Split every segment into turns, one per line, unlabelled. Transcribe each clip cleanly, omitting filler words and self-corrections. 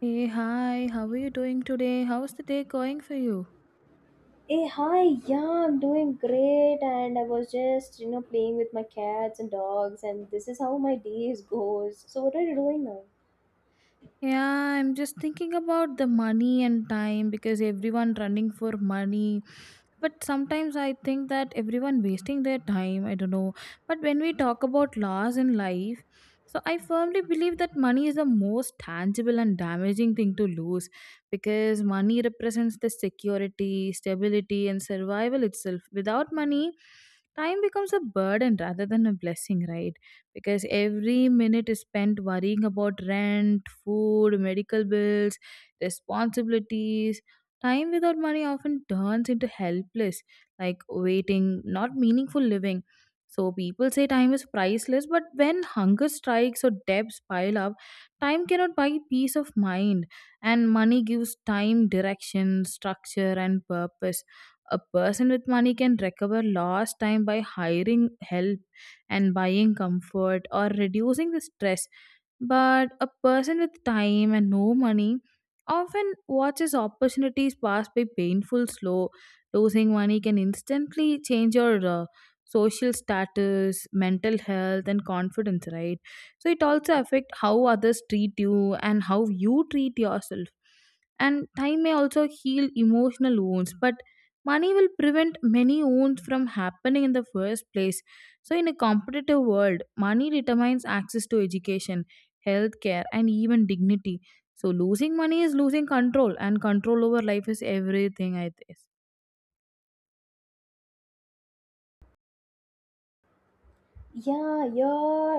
Hey, hi, how are you doing today? How's the day going for you?
Hey, hi, yeah, I'm doing great, and I was just, playing with my cats and dogs, and this is how my days goes. So, what are you doing now?
Yeah, I'm just thinking about the money and time because everyone running for money. But sometimes I think that everyone wasting their time, I don't know. But when we talk about loss in life, so I firmly believe that money is the most tangible and damaging thing to lose because money represents the security, stability and survival itself. Without money, time becomes a burden rather than a blessing, right? Because every minute is spent worrying about rent food, medical bills, responsibilities. Time without money often turns into helpless, like waiting, not meaningful living. So people say time is priceless, but when hunger strikes or debts pile up, time cannot buy peace of mind, and money gives time direction, structure, and purpose. A person with money can recover lost time by hiring help and buying comfort or reducing the stress. But a person with time and no money often watches opportunities pass by painful slow. Losing money can instantly change your social status, mental health and confidence, right? So it also affect how others treat you and how you treat yourself. And time may also heal emotional wounds, but money will prevent many wounds from happening in the first place. So in a competitive world, money determines access to education healthcare, and even dignity. So losing money is losing control, and control over life is everything, I think.
yeah you're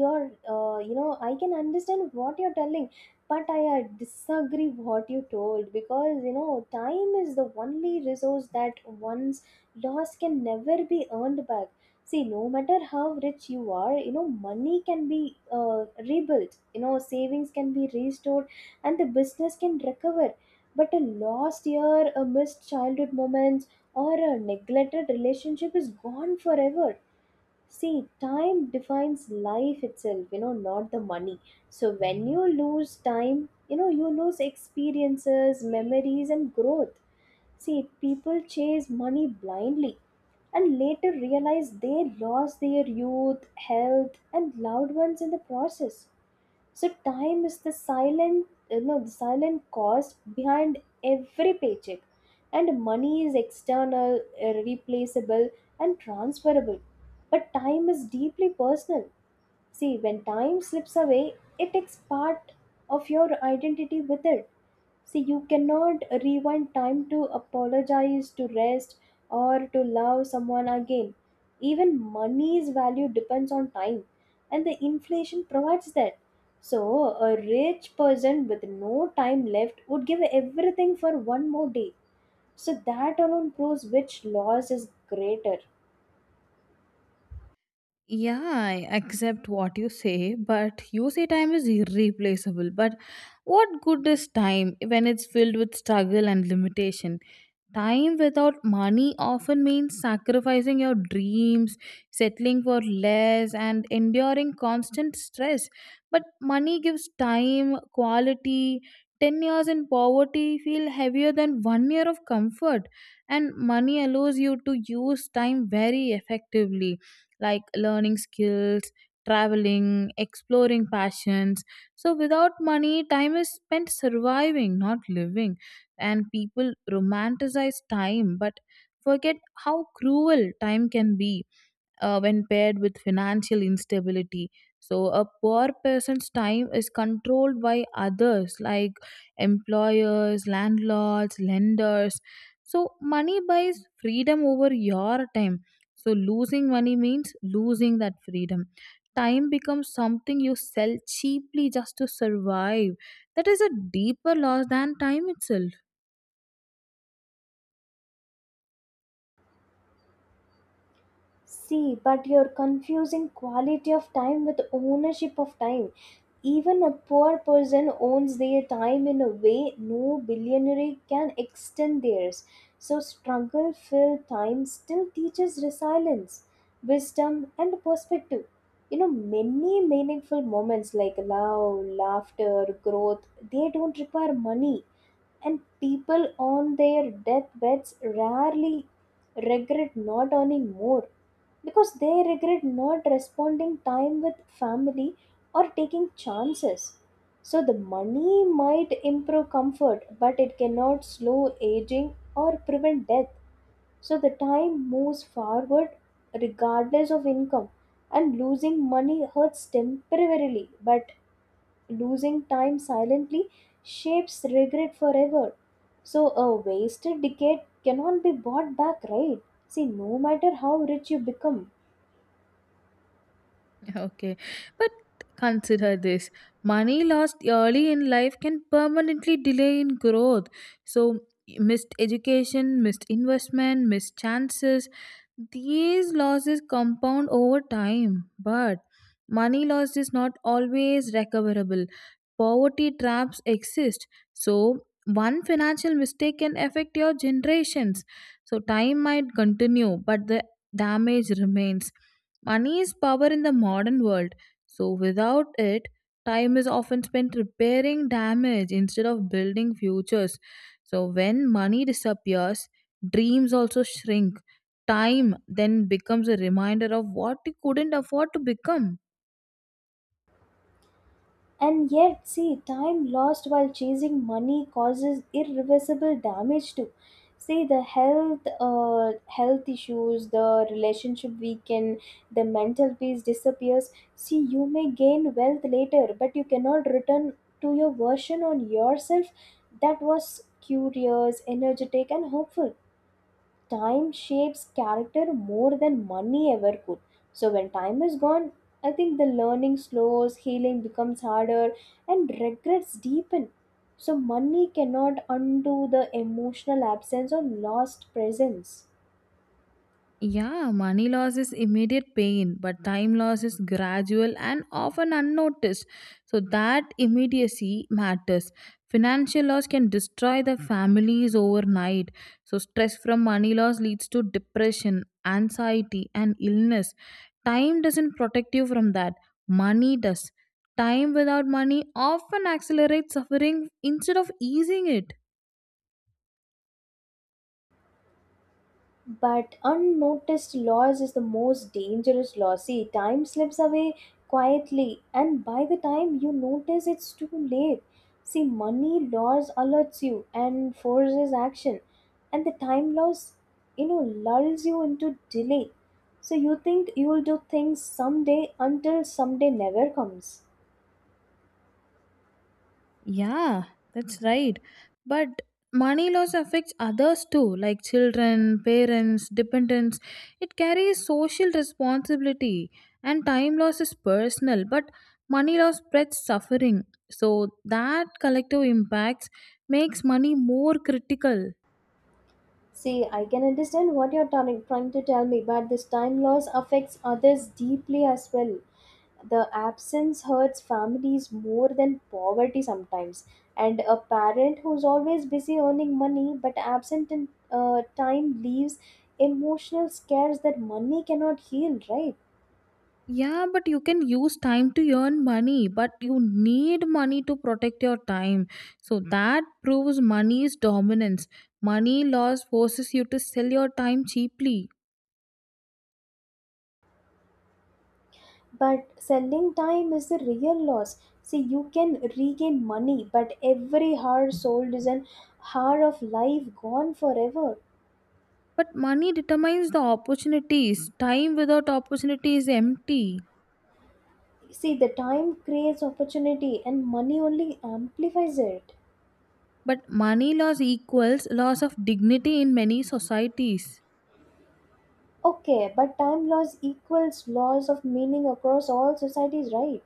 you're. I can understand what you're telling, but I disagree what you told, because time is the only resource that once lost can never be earned back. See, no matter how rich you are, money can be rebuilt, savings can be restored, and the business can recover. But a lost year, a missed childhood moment, or a neglected relationship is gone forever. See, time defines life itself, not the money. So when you lose time, you lose experiences, memories, and growth. See, people chase money blindly and later realize they lost their youth, health, and loved ones in the process. So time is the silent, the silent cost behind every paycheck, and money is external, replaceable, and transferable. But time is deeply personal. See, when time slips away, it takes part of your identity with it. See, you cannot rewind time to apologize, to rest, or to love someone again. Even money's value depends on time, and the inflation provides that. So, a rich person with no time left would give everything for one more day. So, that alone proves which loss is greater.
Yeah, I accept what you say, but you say time is irreplaceable. But what good is time when it's filled with struggle and limitation? Time without money often means sacrificing your dreams, settling for less, and enduring constant stress. But money gives time, quality. 10 years in poverty feel heavier than one year of comfort, and money allows you to use time very effectively, like learning skills, traveling, exploring passions. So, without money, time is spent surviving, not living, and people romanticize time but forget how cruel time can be when paired with financial instability. So a poor person's time is controlled by others, like employers, landlords, lenders. So money buys freedom over your time, so losing money means losing that freedom. Time becomes something you sell cheaply just to survive. That is a deeper loss than time itself.
See, but you're confusing quality of time with ownership of time. Even a poor person owns their time in a way no billionaire can extend theirs. So, struggle filled time still teaches resilience, wisdom, and perspective. You know, many meaningful moments like love, laughter, growth, they don't require money, and people on their deathbeds rarely regret not earning more, because they regret not responding time with family or taking chances. So the money might improve comfort, but it cannot slow aging or prevent death. So the time moves forward regardless of income, and losing money hurts temporarily, but losing time silently shapes regret forever. So, a wasted decade cannot be bought back, right? See, no matter how rich you become,
Okay. But consider this: money lost early in life can permanently delay in growth. So, missed education, missed investment, missed chances, these losses compound over time. But money lost is not always recoverable. Poverty traps exist. So, one financial mistake can affect your generations. So, time might continue, but the damage remains. Money is power in the modern world, so without it, time is often spent repairing damage instead of building futures. So when money disappears, dreams also shrink. Time then becomes a reminder of what you couldn't afford to become.
and yet, see, time lost while chasing money causes irreversible damage too. See the health, health issues, the relationship weaken, the mental peace disappears. See, you may gain wealth later, but you cannot return to your version on yourself that was curious, energetic, and hopeful. Time shapes character more than money ever could. So when time is gone, I think the learning slows, healing becomes harder, and regrets deepen. So money cannot undo the emotional absence or lost presence.
Yeah, money loss is immediate pain, but time loss is gradual and often unnoticed. So that immediacy matters. Financial loss can destroy the families overnight. So stress from money loss leads to depression, anxiety, and illness. Time doesn't protect you from that. Money does. Time without money often accelerates suffering instead of easing it.
But unnoticed loss is the most dangerous loss. See, time slips away quietly, and by the time you notice, it's too late. See, money loss alerts you and forces action, and the time loss, lulls you into delay. So you think you'll do things someday until someday never comes.
Yeah, that's right. But money loss affects others too, like children, parents, dependents. It carries social responsibility, and time loss is personal, but money loss spreads suffering. So, that collective impacts makes money more critical.
See, I can understand what you're trying to tell me, but this time loss affects others deeply as well. The absence hurts families more than poverty sometimes. And a parent who's always busy earning money but absent in time leaves emotional scares that money cannot heal, right?
Yeah, but you can use time to earn money, but you need money to protect your time. So that proves money's dominance. Money laws forces you to sell your time cheaply.
But selling time is the real loss. See, you can regain money, but every hour sold is an hour of life gone forever.
But money determines the opportunities. Time without opportunity is empty.
See, the time creates opportunity and money only amplifies it.
But money loss equals loss of dignity in many societies.
Okay, but time loss equals loss of meaning across all societies, right?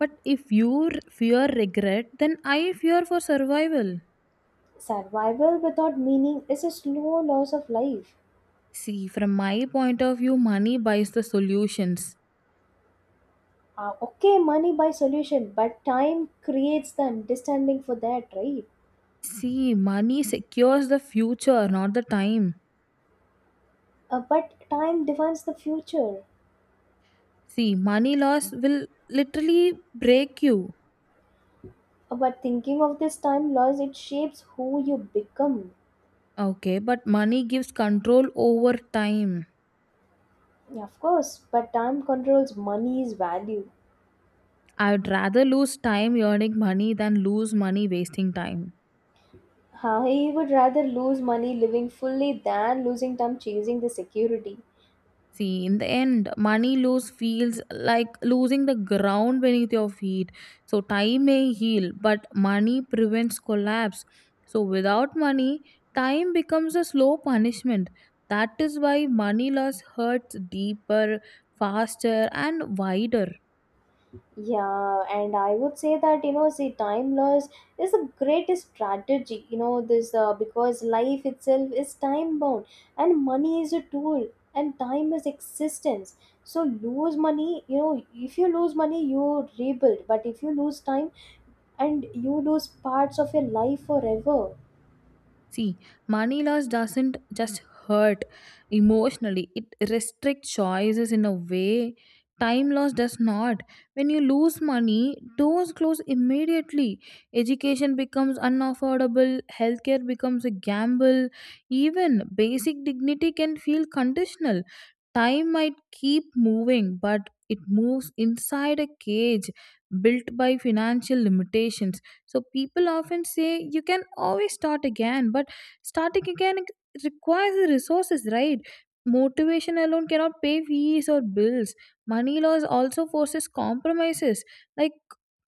But if you fear regret, then I fear for survival.
Survival without meaning is a slow loss of life.
See, from my point of view, money buys the solutions.
Okay, money buys solution, but time creates the understanding for that, right?
See, money secures the future, not the time.
But time defines the future.
See, money loss will literally break you.
But thinking of this time loss, it shapes who you become.
Okay, but money gives control over time.
Yeah, of course, but time controls money's value.
I'd rather lose time earning money than lose money wasting time.
I would rather lose money living fully than losing time chasing the security.
See, in the end, money loss feels like losing the ground beneath your feet. So, time may heal, but money prevents collapse. So, without money, time becomes a slow punishment. That is why money loss hurts deeper, faster, and wider.
Yeah, and I would say that, see, time loss is the greatest strategy. You know this because life itself is time bound, and money is a tool, and time is existence. So lose money, if you lose money, you rebuild. But if you lose time, and you lose parts of your life forever.
See, money loss doesn't just hurt emotionally, it restricts choices in a way time loss does not. When you lose money, doors close immediately. Education becomes unaffordable, healthcare becomes a gamble, even basic dignity can feel conditional. Time might keep moving, but it moves inside a cage built by financial limitations. So people often say you can always start again, but starting again requires the resources, right? Motivation alone cannot pay fees or bills. Money laws also forces compromises, like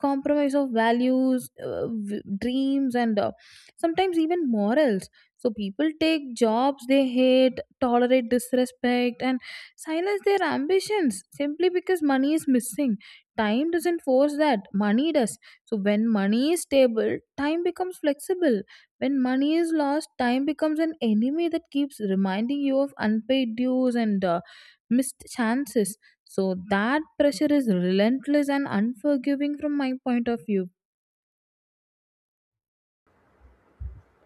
compromise of values, dreams, and sometimes even morals. So people take jobs they hate, tolerate disrespect, and silence their ambitions simply because money is missing. Time doesn't force that, money does. So when money is stable, time becomes flexible. When money is lost, time becomes an enemy that keeps reminding you of unpaid dues and missed chances. So that pressure is relentless and unforgiving from my point of view.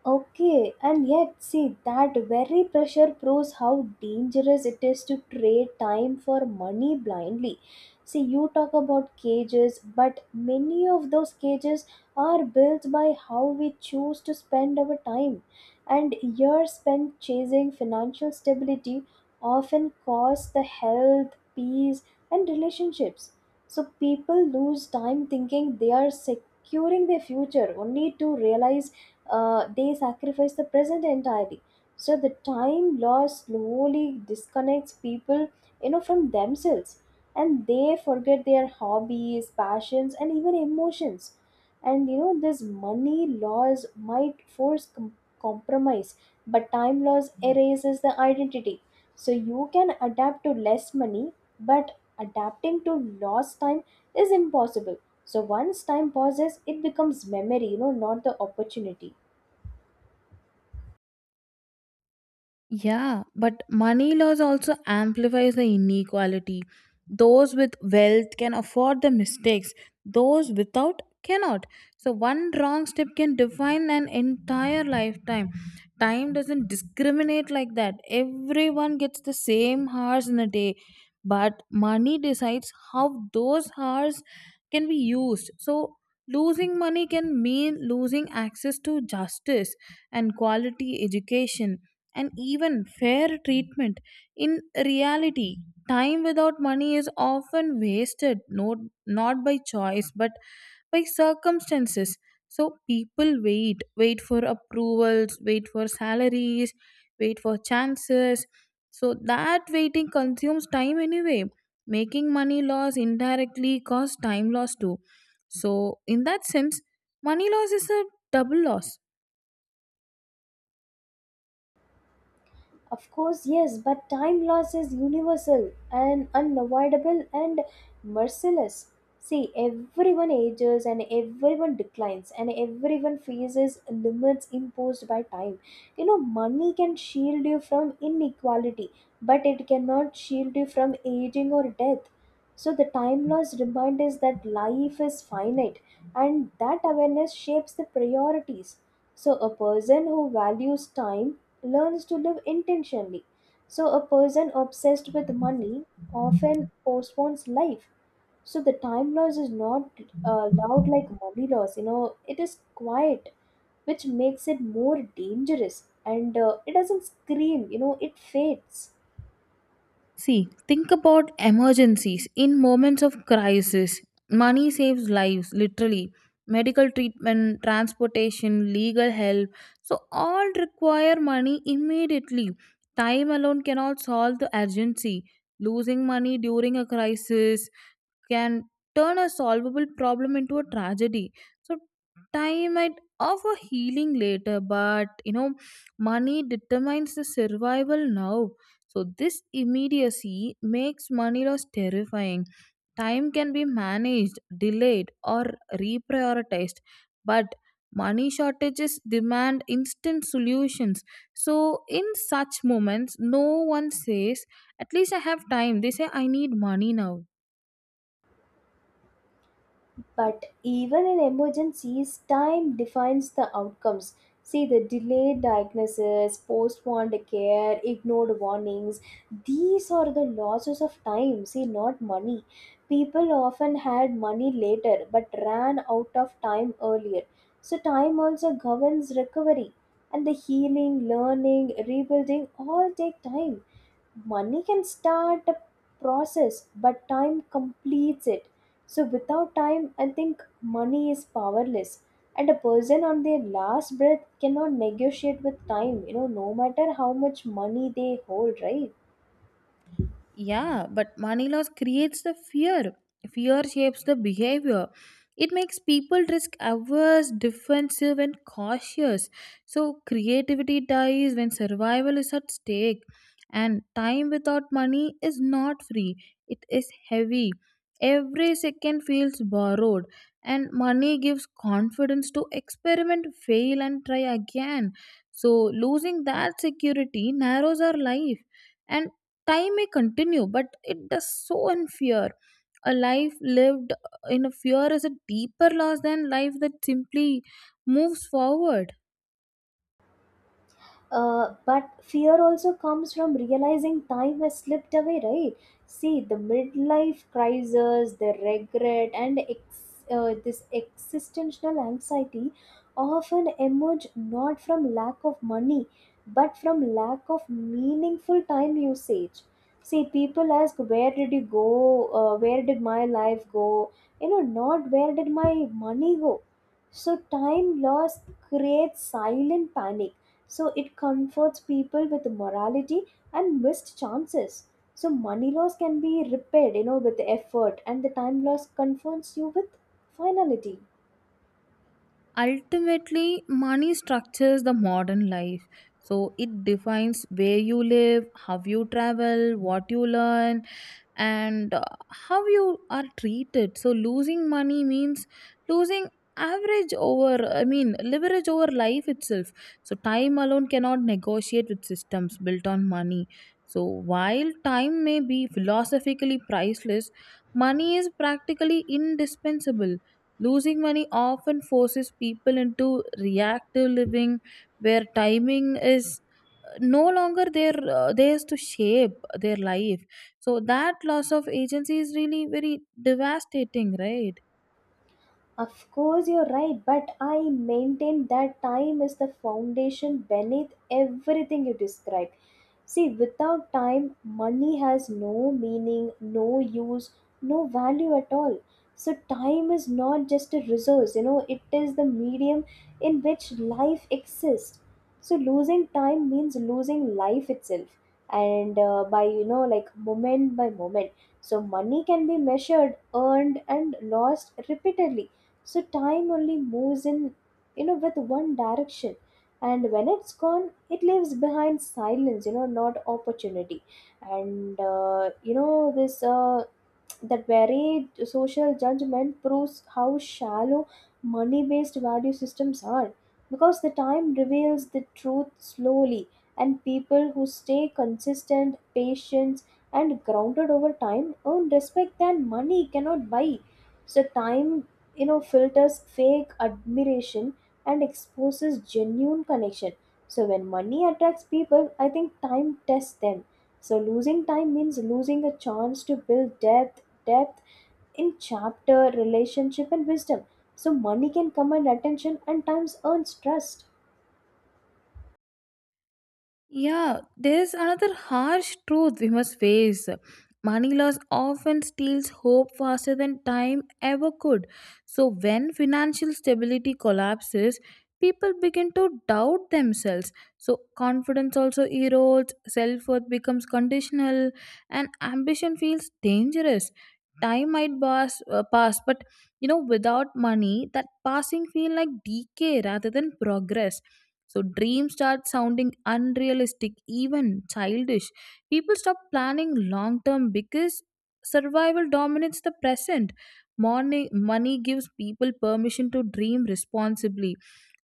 Okay, and yet, see, that very pressure proves how dangerous it is to trade time for money blindly. See, you talk about cages, but many of those cages are built by how we choose to spend our time. And years spent chasing financial stability often cost the health, peace, and relationships. So people lose time thinking they are securing their future only to realize they sacrifice the present entirely. So the time lost slowly disconnects people, from themselves, and they forget their hobbies, passions, and even emotions. And you know, this money loss might force compromise, but time loss erases the identity. So you can adapt to less money, but adapting to lost time is impossible. So once time pauses, it becomes memory, not the opportunity.
Yeah, but money laws also amplifies the inequality. Those with wealth can afford the mistakes, those without cannot. So, one wrong step can define an entire lifetime. Time doesn't discriminate like that. Everyone gets the same hours in a day, but money decides how those hours can be used. So, losing money can mean losing access to justice and quality education and even fair treatment. In reality, time without money is often wasted, not by choice but by circumstances. So people wait for approvals, wait for salaries, wait for chances. So that waiting consumes time anyway. Making money loss indirectly causes time loss too. So, in that sense, money loss is a double loss.
Of course, yes, but time loss is universal and unavoidable and merciless. See, everyone ages and everyone declines and everyone faces limits imposed by time. You know, money can shield you from inequality, but it cannot shield you from aging or death. So, the time loss reminds us that life is finite, and that awareness shapes the priorities. So, a person who values time learns to live intentionally. So, a person obsessed with money often postpones life. So, the time loss is not loud like money loss, it is quiet, which makes it more dangerous, and it doesn't scream, it fades.
See, think about emergencies. In moments of crisis, money saves lives, literally. Medical treatment, transportation, legal help. So, all require money immediately. Time alone cannot solve the urgency. Losing money during a crisis can turn a solvable problem into a tragedy. So time might offer healing later, but money determines the survival now. So this immediacy makes money loss terrifying. Time can be managed, delayed, or reprioritized, but money shortages demand instant solutions. So, in such moments, no one says, "At least I have time." They say, "I need money now."
But even in emergencies, time defines the outcomes. See the delayed diagnosis, postponed care, ignored warnings. These are the losses of time, see, not money. People often had money later but ran out of time earlier. So, time also governs recovery. And the healing, learning, rebuilding all take time. Money can start a process, but time completes it. So without time, I think money is powerless. And a person on their last breath cannot negotiate with time, no matter how much money they hold, right?
Yeah, but money loss creates the fear. Fear shapes the behavior. It makes people risk averse, defensive, and cautious. So, creativity dies when survival is at stake. And time without money is not free, it is heavy. Every second feels borrowed, and money gives confidence to experiment, fail, and try again. So, losing that security narrows our life, and time may continue, but it does so in fear. A life lived in a fear is a deeper loss than life that simply moves forward.
But fear also comes from realizing time has slipped away, right? See, the midlife crisis, the regret, and this existential anxiety often emerge not from lack of money but from lack of meaningful time usage. See, people ask, "Where did you go? Where did my life go?" You know, not "Where did my money go?" So, time loss creates silent panic, so it comforts people with morality and missed chances. So money loss can be repaired, with effort, and the time loss confronts you with finality.
Ultimately, money structures the modern life. So it defines where you live, how you travel, what you learn, and how you are treated. So losing money means losing average over, I mean, leverage over life itself. So time alone cannot negotiate with systems built on money. So while time may be philosophically priceless, money is practically indispensable. Losing money often forces people into reactive living where timing is no longer there, theirs to shape their life, so that loss of agency is really very devastating, right?
Of course, you're right, but I maintain that time is the foundation beneath everything you describe. See, without time, money has no meaning, no use, no value at all. So, time is not just a resource, it is the medium in which life exists. So, losing time means losing life itself, and by you know, like moment by moment. So, money can be measured, earned, and lost repeatedly, so time only moves in, you know, with one direction, and when it's gone it leaves behind silence, you know, not opportunity. And this that very social judgment proves how shallow money based value systems are, because the time reveals the truth slowly, and people who stay consistent, patient, and grounded over time earn respect that money cannot buy. So time, filters fake admiration and exposes genuine connection. So when money attracts people, I think time tests them. So losing time means losing a chance to build depth, depth in chapter relationship and wisdom. So money can command attention and times earns trust.
Yeah, there's another harsh truth we must face. Money loss often steals hope faster than time ever could. So, when financial stability collapses, people begin to doubt themselves. So, confidence also erodes, self worth becomes conditional, and ambition feels dangerous. Time might pass, but without money, that passing feel like decay rather than progress. So dreams start sounding unrealistic, even childish. People stop planning long term because survival dominates the present. Money gives people permission to dream responsibly.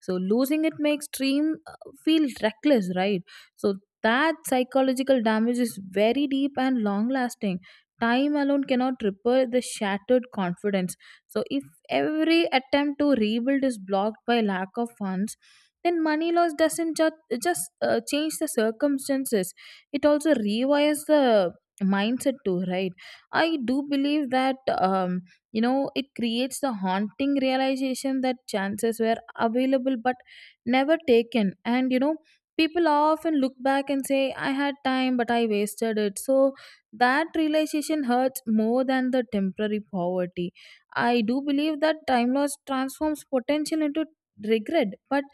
So losing it makes dream feel reckless, right? So that psychological damage is very deep and long lasting. Time alone cannot repair the shattered confidence. So if every attempt to rebuild is blocked by lack of funds, then money laws doesn't just change the circumstances, it also rewires the mindset too, right? I do believe that um, it creates the haunting realization that chances were available but never taken. And people often look back and say, "I had time but I wasted it." So that realization hurts more than the temporary poverty. I do believe that time loss transforms potential into regret, but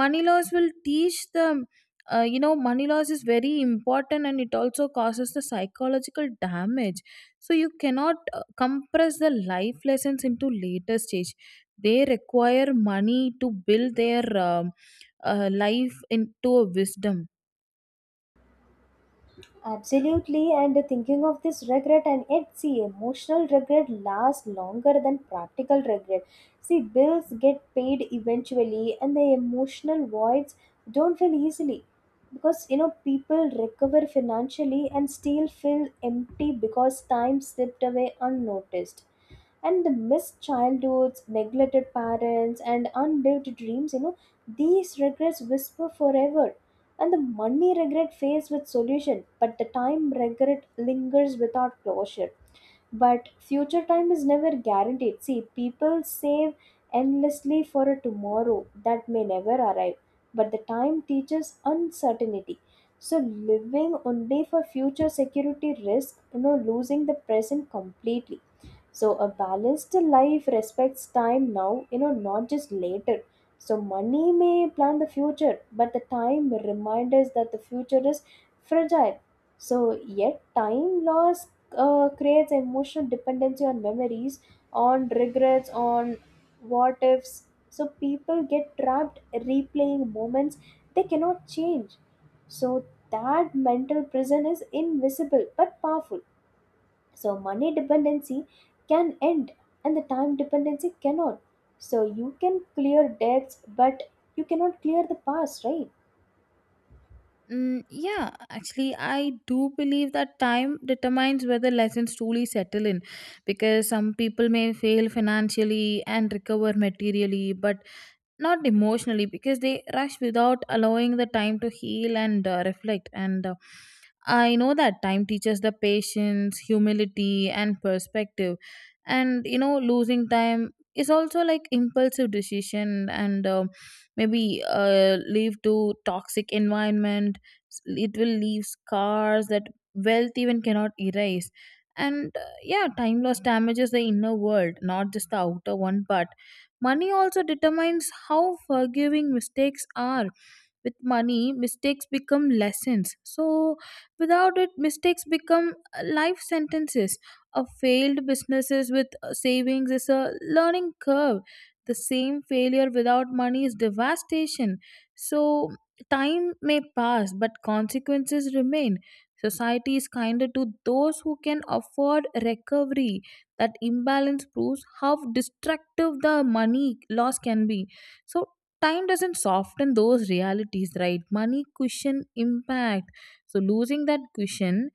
money laws will teach them. Money laws is very important and it also causes the psychological damage. So you cannot compress the life lessons into later stage. They require money to build their life into a wisdom.
Absolutely, and thinking of this regret and yet see, emotional regret lasts longer than practical regret. See, bills get paid eventually, and the emotional voids don't fill easily, because you know people recover financially and still feel empty because time slipped away unnoticed. And the missed childhoods, neglected parents, and unlived dreams, these regrets whisper forever, and the money regret fades with solution, but the time regret lingers without closure. But future time is never guaranteed. See, people save endlessly for a tomorrow that may never arrive, but the time teaches uncertainty. So living only for future security risk, losing the present completely. So a balanced life respects time now, not just later. So money may plan the future, but the time reminds us that the future is fragile. So yet time loss creates emotional dependency on memories, on regrets, on what ifs. So people get trapped replaying moments they cannot change. So that mental prison is invisible but powerful. So money dependency can end, and the time dependency cannot. So you can clear debts, but you cannot clear the past, right?
Mm, yeah, actually, I do believe that time determines whether lessons truly settle in, because some people may fail financially and recover materially, but not emotionally because they rush without allowing the time to heal and reflect, and I know that time teaches the patience, humility, and perspective. And losing time is also like impulsive decision, and maybe leave to toxic environment. It will leave scars that wealth even cannot erase. And yeah, time loss damages the inner world, not just the outer one. But money also determines how forgiving mistakes are. With money, mistakes become lessons. So without it, mistakes become life sentences. A failed businesses with savings is a learning curve. The same failure without money is devastation. So time may pass, but consequences remain. Society is kinder to those who can afford recovery. That imbalance proves how destructive the money loss can be. So time doesn't soften those realities, right? Money cushion impact, so losing that cushion,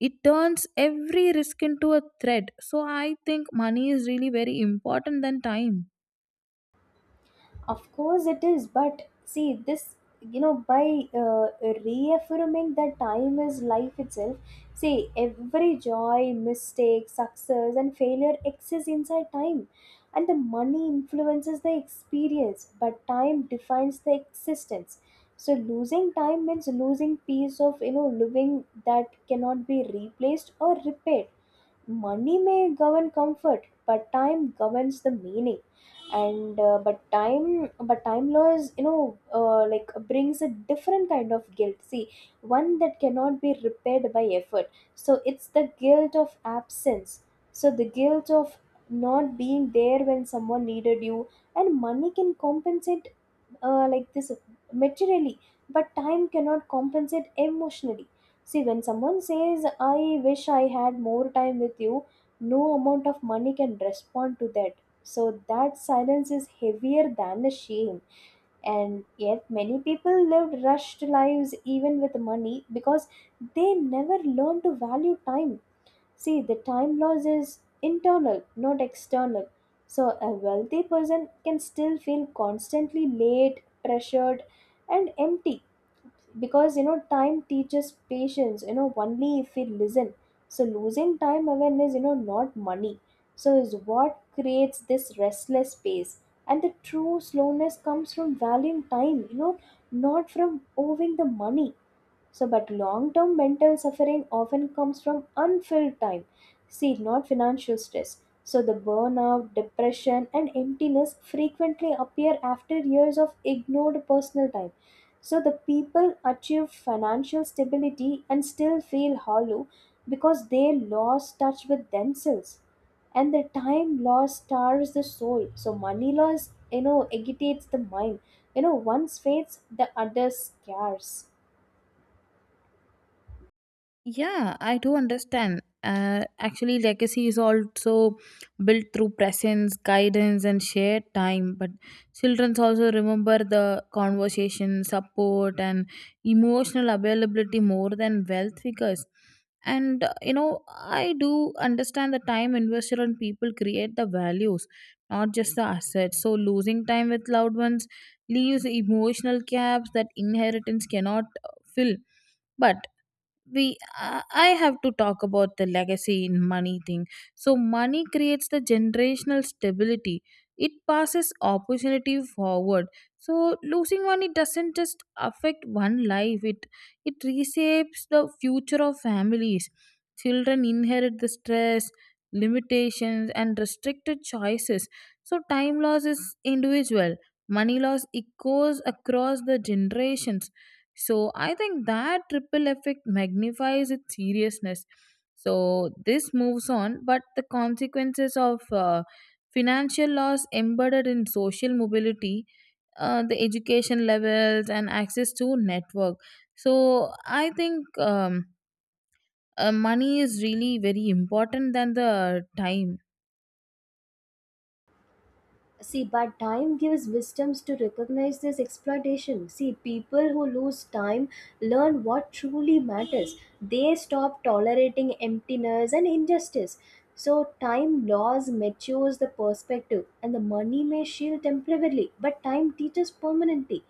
it turns every risk into a threat. So I think money is really very important than time.
Of course it is, but see this, you know by reaffirming that time is life itself. See, every joy, mistake, success and failure exists inside time, and the money influences the experience, but time defines the existence. So losing time means losing piece of living that cannot be replaced or repaired. Money may govern comfort, but time governs the meaning. And but time loss, like, brings a different kind of guilt. See, one that cannot be repaired by effort. So it's the guilt of absence. So the guilt of not being there when someone needed you. And money can compensate, like this, materially, but time cannot compensate emotionally. See, when someone says, I wish I had more time with you, no amount of money can respond to that. So that silence is heavier than the shame. And yet, many people lived rushed lives even with money because they never learned to value time. See, the time loss is internal, not external. So a wealthy person can still feel constantly late, pressured, and empty because time teaches patience, only if we listen. So losing time awareness, not money, so is what creates this restless space. And the true slowness comes from valuing time, not from owing the money. So but long term mental suffering often comes from unfilled time, see, not financial stress. So the burnout, depression and emptiness frequently appear after years of ignored personal time. So the people achieve financial stability and still feel hollow because they lost touch with themselves. And the time loss stars the soul. So money loss, agitates the mind. One fades, the other scares.
Yeah, I do understand. Actually, legacy is also built through presence, guidance, and shared time. But children also remember the conversation, support, and emotional availability more than wealth figures. And I do understand the time invested on people create the values, not just the assets. So losing time with loved ones leaves emotional gaps that inheritance cannot fill. But we I have to talk about the legacy in money thing. So money creates the generational stability, it passes opportunity forward. So losing money doesn't just affect one life, it reshapes the future of families. Children inherit the stress, limitations and restricted choices. So time loss is individual, money loss echoes across the generations. So I think that triple effect magnifies its seriousness. So this moves on, but the consequences of financial loss embedded in social mobility, the education levels, and access to network. So I think money is really very important than the time.
See, but time gives wisdoms to recognize this exploitation. See, people who lose time learn what truly matters. They stop tolerating emptiness and injustice. So, time laws matures the perspective, and the money may shield temporarily, but time teaches permanently.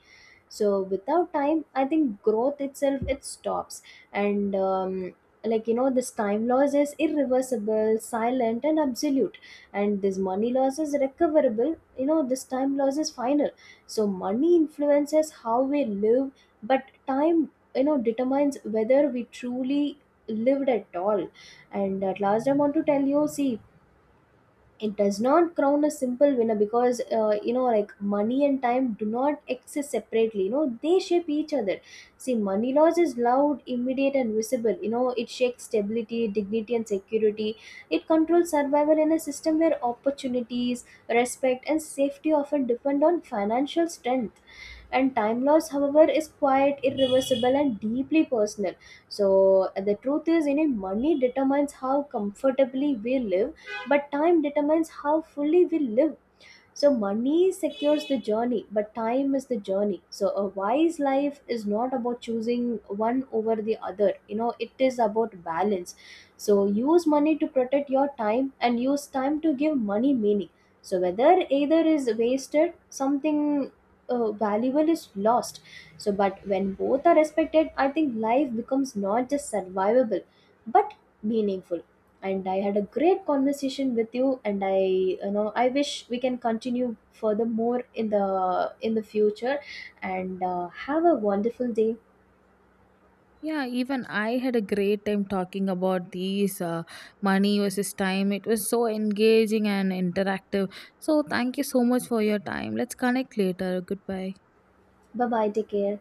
So without time, I think growth itself it stops. And like, this time loss is irreversible, silent and absolute, and this money loss is recoverable. You know, this time loss is final. So money influences how we live, but time, determines whether we truly lived at all. And at last I want to tell you, see, it does not crown a simple winner because, like, money and time do not exist separately. You know, they shape each other. See, money loss is loud, immediate and visible. You know, it shakes stability, dignity and security. It controls survival in a system where opportunities, respect and safety often depend on financial strength. And time loss, however, is quite irreversible and deeply personal. So the truth is, money determines how comfortably we live, but time determines how fully we live. So money secures the journey, but time is the journey. So a wise life is not about choosing one over the other. You know, it is about balance. So use money to protect your time, and use time to give money meaning. So whether either is wasted, something valuable is lost. So but when both are respected, I think life becomes not just survivable but meaningful. And I had a great conversation with you, and I, I wish we can continue furthermore in the future. And have a wonderful day.
Yeah, even I had a great time talking about these money versus time. It was so engaging and interactive. So, thank you so much for your time. Let's connect later. Goodbye.
Bye bye, take care.